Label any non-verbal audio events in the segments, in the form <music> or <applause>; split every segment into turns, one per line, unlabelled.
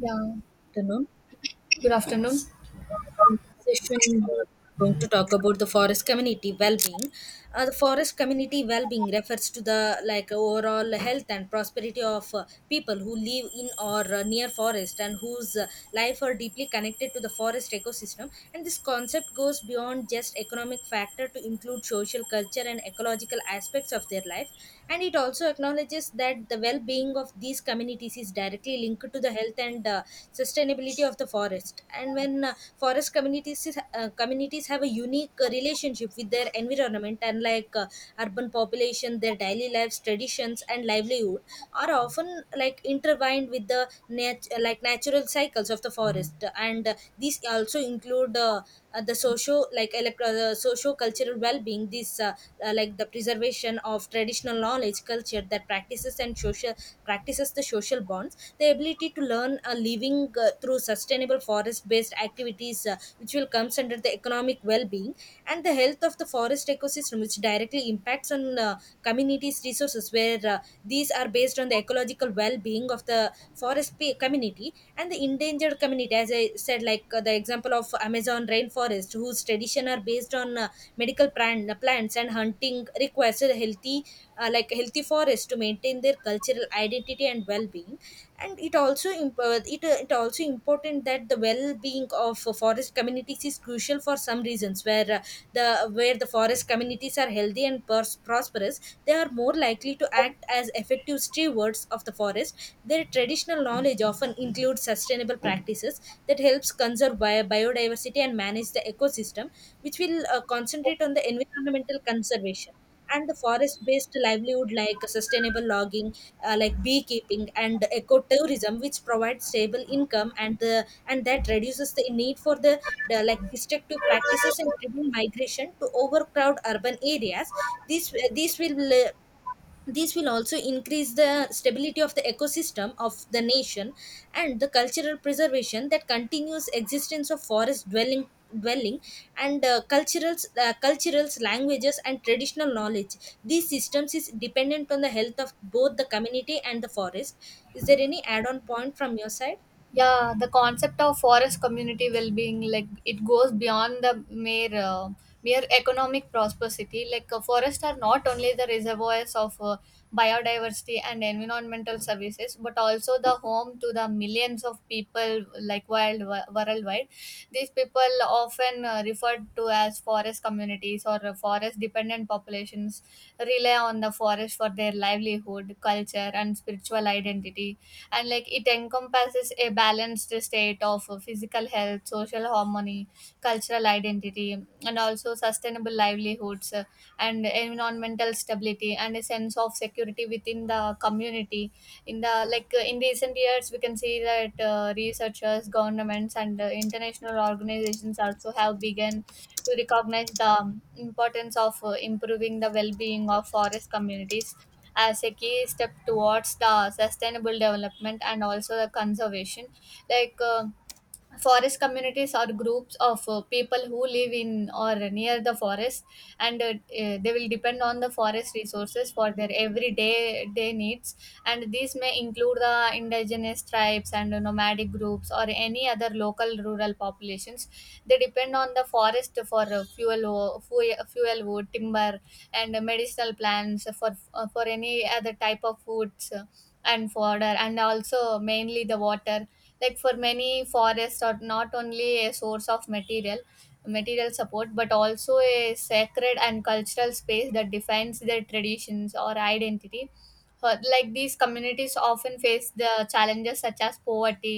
Yeah.
Tenor
Good afternoon.
session, going to talk about the forest community well-being. The forest community well-being refers to the like overall health and prosperity of people who live in or near forest, and whose life are deeply connected to the forest ecosystem, and this concept goes beyond just economic factor to include social culture and ecological aspects of their life. And it also acknowledges that the well-being of these communities is directly linked to the health and sustainability of the forest. And when communities have a unique relationship with their environment, and like urban population, their daily lives, traditions and livelihood are often like intertwined with the like natural cycles of the forest. And these also include the socio cultural well-being. This like the preservation of traditional knowledge, culture that practices and social practices, the social bond, the ability to learn a living through sustainable forest based activities, which will comes under the economic well-being. And the health of the forest ecosystem, which directly impacts on communities resources, where these are based on the ecological well-being of the forest community and the endangered community. As I said, like the example of Amazon rainforest whose tradition are based on medical plants and hunting requires a healthy, healthy forest to maintain their cultural identity and well-being. And it also important that the well-being of forest communities is crucial for some reasons, where the where the forest communities are healthy and prosperous, they are more likely to act as effective stewards of the forest. Their traditional knowledge often includes sustainable practices that helps conserve biodiversity and manage the ecosystem, which will concentrate on the environmental conservation. And the forest-based livelihood like sustainable logging, like beekeeping and ecotourism, which provides stable income, and that reduces the need for the like destructive practices and driven migration to overcrowd urban areas. This uh, this will uh, this will also increase the stability of the ecosystem of the nation and the cultural preservation, that continuous existence of forest dwelling and culturals languages and traditional knowledge, these systems is dependent on the health of both the community and the forest. Is there any add on point from your side?
Yeah, the concept of forest community well-being, like it goes beyond the mere economic prosperity. Forests are not only the reservoirs of biodiversity and environmental services, but also the home to the millions of people, like wild worldwide. These people often referred to as forest communities or forest dependent populations rely on the forest for their livelihood, culture, and spiritual identity. And like it encompasses a balanced state of physical health, social harmony, cultural identity, and also sustainable livelihoods, and environmental stability and a sense of security within the community in the in recent years we can see that researchers governments and international organizations also have begun to recognize the importance of improving the well-being of forest communities as a key step towards the sustainable development and also the conservation. like uh, Forest communities are groups of people who live in or near the forest and they will depend on the forest resources for their everyday day needs, and these may include the indigenous tribes and nomadic groups or any other local rural populations. They depend on the forest for fuel wo- fuel fuel wood timber and medicinal plants for any other type of foods, and fodder and also mainly the water. Like for many, forests are not only a source of material support but also a sacred and cultural space that defines their traditions or identity. Like these communities often face the challenges such as poverty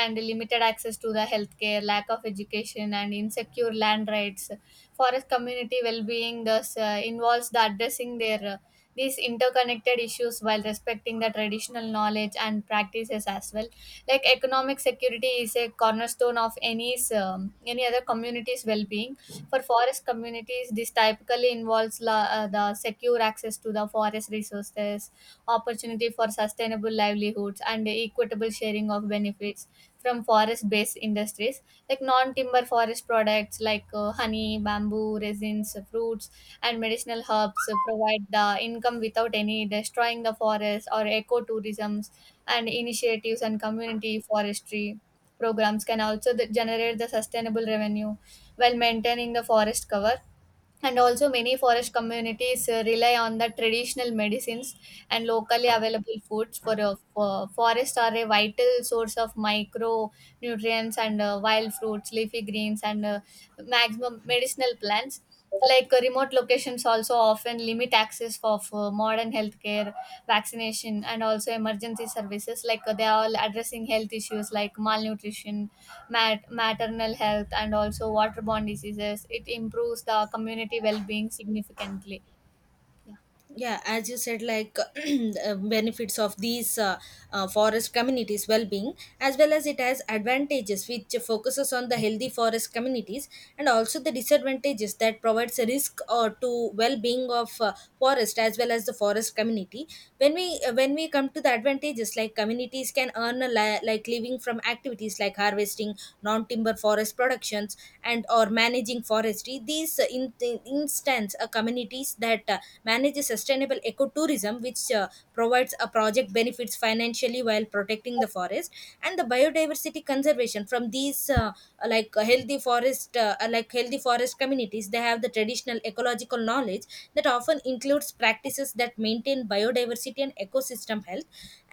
and limited access to the healthcare, lack of education and insecure land rights. Forest community well-being thus involves the addressing their these interconnected issues while respecting the traditional knowledge and practices as well. Like economic security is a cornerstone of any other community's well-being. For forest communities this typically involves the secure access to the forest resources, opportunity for sustainable livelihoods and equitable sharing of benefits from forest-based industries like non-timber forest products, like honey bamboo resins fruits and medicinal herbs provide the income without any destroying the forest, or ecotourisms and initiatives and community forestry programs can also generate the sustainable revenue while maintaining the forest cover. And also, many forest communities rely on the traditional medicines and locally available foods, for a for forest are a vital source of micronutrients and wild fruits, leafy greens, and maximum medicinal plants. Like remote locations also often limit access for modern healthcare, vaccination, and also emergency services. Like they are all addressing health issues like malnutrition, maternal health and also waterborne diseases. It improves the community well being significantly. Yeah.
Yeah, as you said, like <clears throat> benefits of these forest communities well-being, as well as it has advantages which focuses on the healthy forest communities and also the disadvantages that provides a risk to well-being of forest as well as the forest community. When we come to the advantages, like communities can earn a like living from activities like harvesting non-timber forest productions and or managing forestry USD. These, in instance, communities that manage sustainable ecotourism, which provides a project benefits financially while protecting the forest and the biodiversity conservation. From these, healthy forest communities, they have the traditional ecological knowledge that often includes practices that maintain biodiversity and ecosystem health.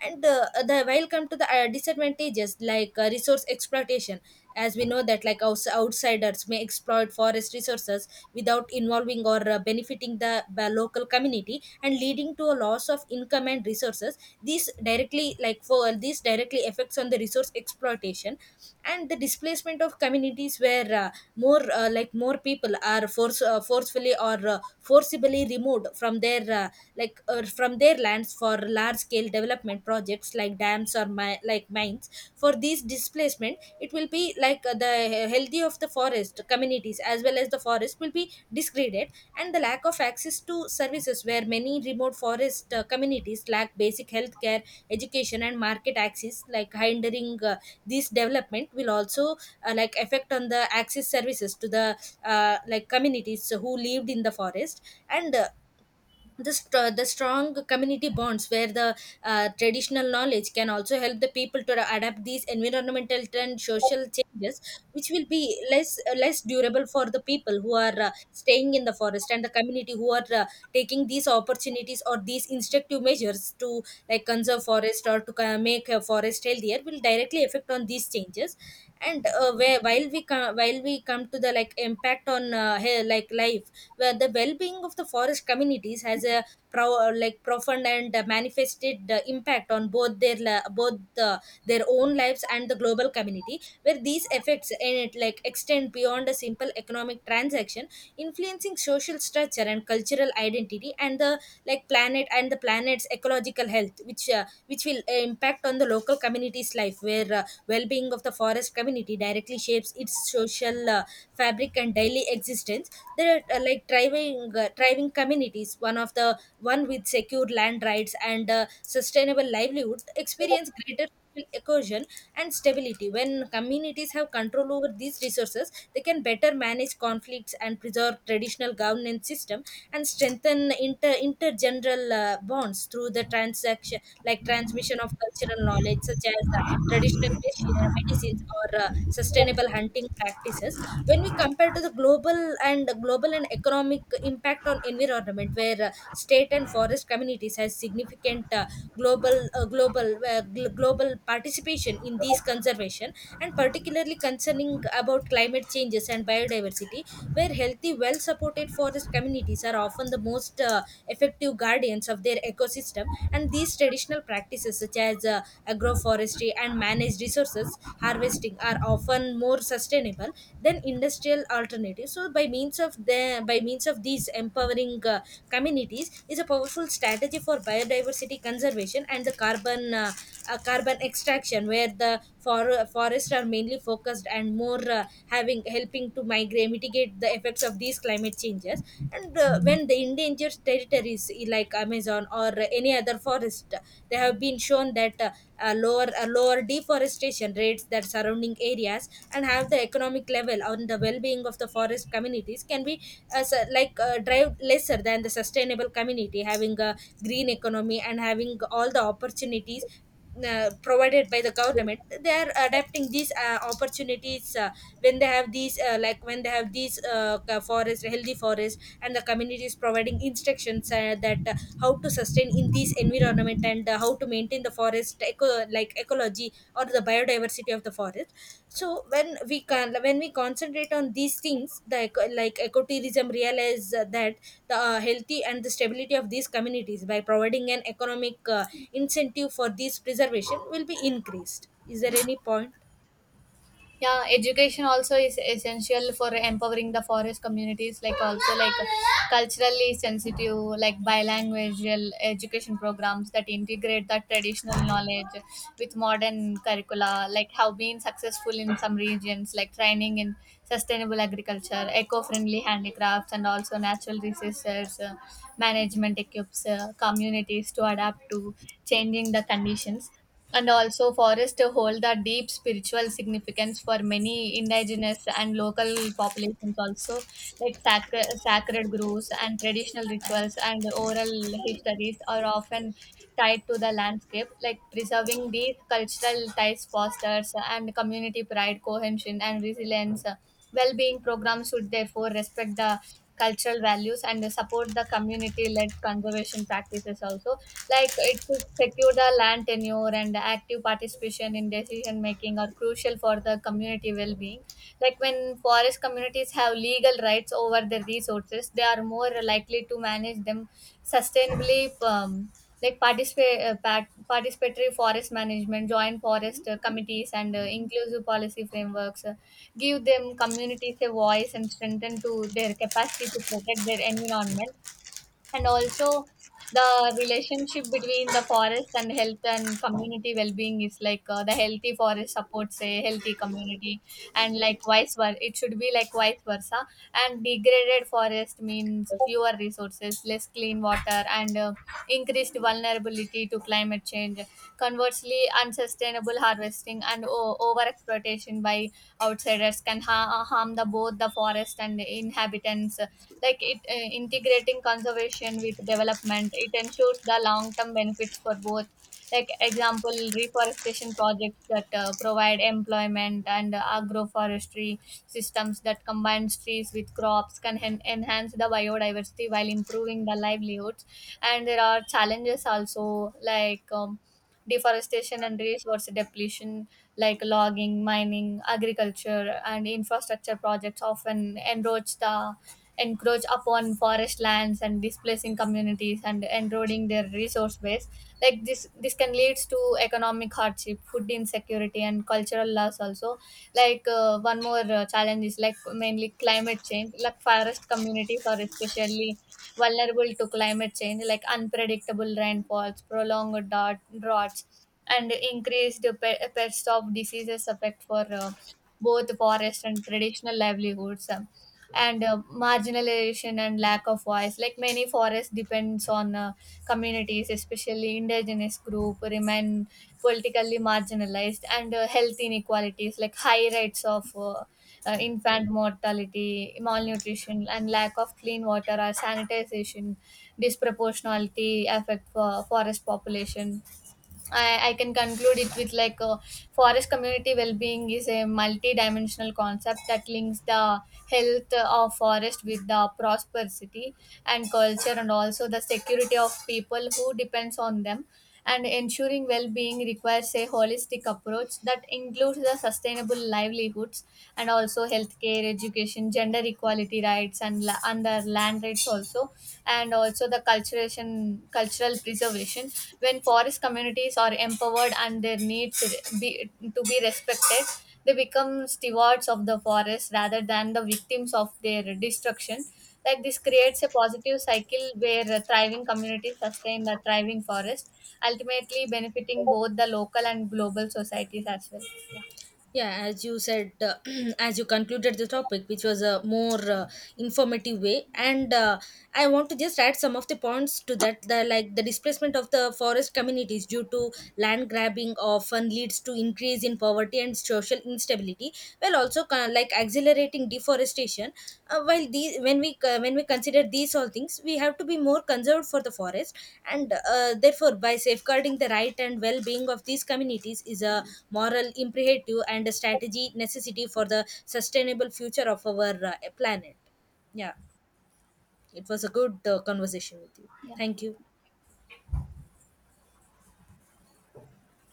And the while come to the disadvantages, like resource exploitation, as we know that, like, outsiders may exploit forest resources without involving or benefiting the local community and leading to a loss of income and resources. These directly, like, for these directly affects on the resource exploitation and the displacement of communities, where more people are forcefully or forcibly removed from their like from their lands for large scale development projects like dams or like mines. For these displacement, it will be like the healthy of the forest communities as well as the forest will be degraded. And the lack of access to services, where many remote forest communities lack basic healthcare, education and market access, like hindering, this development will also like affect on the access services to the like communities who lived in the forest. And the strong community bonds, where the traditional knowledge can also help the people to adapt these environmental and social changes, which will be less durable for the people who are staying in the forest and the community who are taking these opportunities or these instructive measures to, like, conserve forest or to make a forest healthier, will directly affect on these changes. And where, while we come to the like impact on like life, where the well-being of the forest communities has a like profound and manifested impact on both uh, their own lives and the global community, where these effects in it like extend beyond a simple economic transaction, influencing social structure and cultural identity and the planet's ecological health, which will impact on the local community's life, where well-being of the forest community directly shapes its social fabric and daily existence. There are like thriving communities, one of the one with secure land rights and sustainable livelihoods, experience greater social cohesion and stability. When communities have control over these resources, they can better manage conflicts and preserve traditional governance system and strengthen intergeneral bonds through the transaction, like transmission of cultural knowledge such as traditional medicines or sustainable hunting practices. When we compare to the global and economic impact on environment, where state and forest communities has significant global uh, global global participation in these conservation, and particularly concerning about climate changes and biodiversity, where healthy, well supported forest communities are often the most effective guardians of their ecosystem, and these traditional practices such as agroforestry and managed resources harvesting are often more sustainable then industrial alternatives. So by means of these, empowering communities is a powerful strategy for biodiversity conservation and the carbon extraction, where the forests are mainly focused, and more having helping to migrate mitigate the effects of these climate changes. And when the endangered territories, like Amazon or any other forest, they have been shown that lower deforestation rates that surrounding areas, and have the economic level on the well-being of the forest communities can be as su- like drive lesser than the sustainable community having a green economy and having all the opportunities provided by the government. They are adapting these opportunities. When they have these ca- forest healthy forest and the community is providing instructions, that how to sustain in this environment and how to maintain the forest like ecology or the biodiversity of the forest. So when we concentrate on these things, the like ecotourism realize that the healthy and the stability of these communities, by providing an economic incentive for this preservation, will be increased. Is there any point?
Yeah, education also is essential for empowering the forest communities, like also like culturally sensitive, like bilingual education programs that integrate the traditional knowledge with modern curricula, like have been successful in some regions, like training in sustainable agriculture, eco-friendly handicrafts and also natural resources management equips communities to adapt to changing the conditions. And also, forests hold the deep spiritual significance for many indigenous and local populations, also like sacred groves and traditional rituals and oral histories are often tied to the landscape. Like preserving these cultural ties fosters and community pride, cohesion, and resilience. Well-being programs should therefore respect the cultural values and support the community-led conservation practices also. Like it should secure the land tenure and active participation in decision making are crucial for the community well-being. Like when forest communities have legal rights over their resources, they are more likely to manage them sustainably. Like participatory forest management, joint forest committees and inclusive policy frameworks give them communities a voice and strengthen to their capacity to protect their environment. And also the relationship between the forest and health and community well-being is the healthy forest supports a healthy community, and likewise it should be like vice versa. And degraded forest means fewer resources, less clean water and increased vulnerability to climate change. Conversely, unsustainable harvesting and overexploitation by outsiders can harm the both the forest and the inhabitants. Like it, integrating conservation with development, it ensures the long-term benefits for both, like example reforestation projects that provide employment, and agroforestry systems that combines trees with crops can enhance the biodiversity while improving the livelihoods. And there are challenges also, like deforestation and resource depletion, like logging, mining, agriculture, and infrastructure projects, often encroach upon forest lands and displacing communities and eroding their resource base. Like this can lead to economic hardship, food insecurity, and cultural loss also. Like one more challenge is like mainly climate change. Like forest communities are especially vulnerable to climate change, like unpredictable rainfalls, prolonged droughts, and increased pests of diseases affect for both forest and traditional livelihoods. And Marginalization and lack of voice, like many forests depends on communities, especially indigenous group, remain politically marginalized. And health inequalities, like high rates of infant mortality, malnutrition, and lack of clean water or sanitization, disproportionality affect for forest population. I can conclude it with like forest community well-being is a multi-dimensional concept that links the health of forest with the prosperity and culture and also the security of people who depends on them. And ensuring well-being requires a holistic approach that includes the sustainable livelihoods and also healthcare, education, gender equality rights and the land rights also, and also the culturation cultural preservation. When forest communities are empowered and their needs be, to be respected, they become stewards of the forest rather than the victims of their destruction. Like this creates a positive cycle where a thriving communities sustain the thriving forest, ultimately benefiting both the local and global societies as well. Yeah.
Yeah, as you said, <clears throat> as you concluded the topic, which was a more informative way, and I want to just add some of the points to that. The displacement of the forest communities due to land grabbing often leads to increase in poverty and social instability, well also kind like accelerating deforestation. Uh, while these when we co- when we consider these all things, we have to be more conserved for the forest. And therefore, by safeguarding the right and well-being of these communities is a moral imperative and a strategy necessity for the sustainable future of our planet. Yeah. It was a good conversation with you.
Yeah.
Thank you.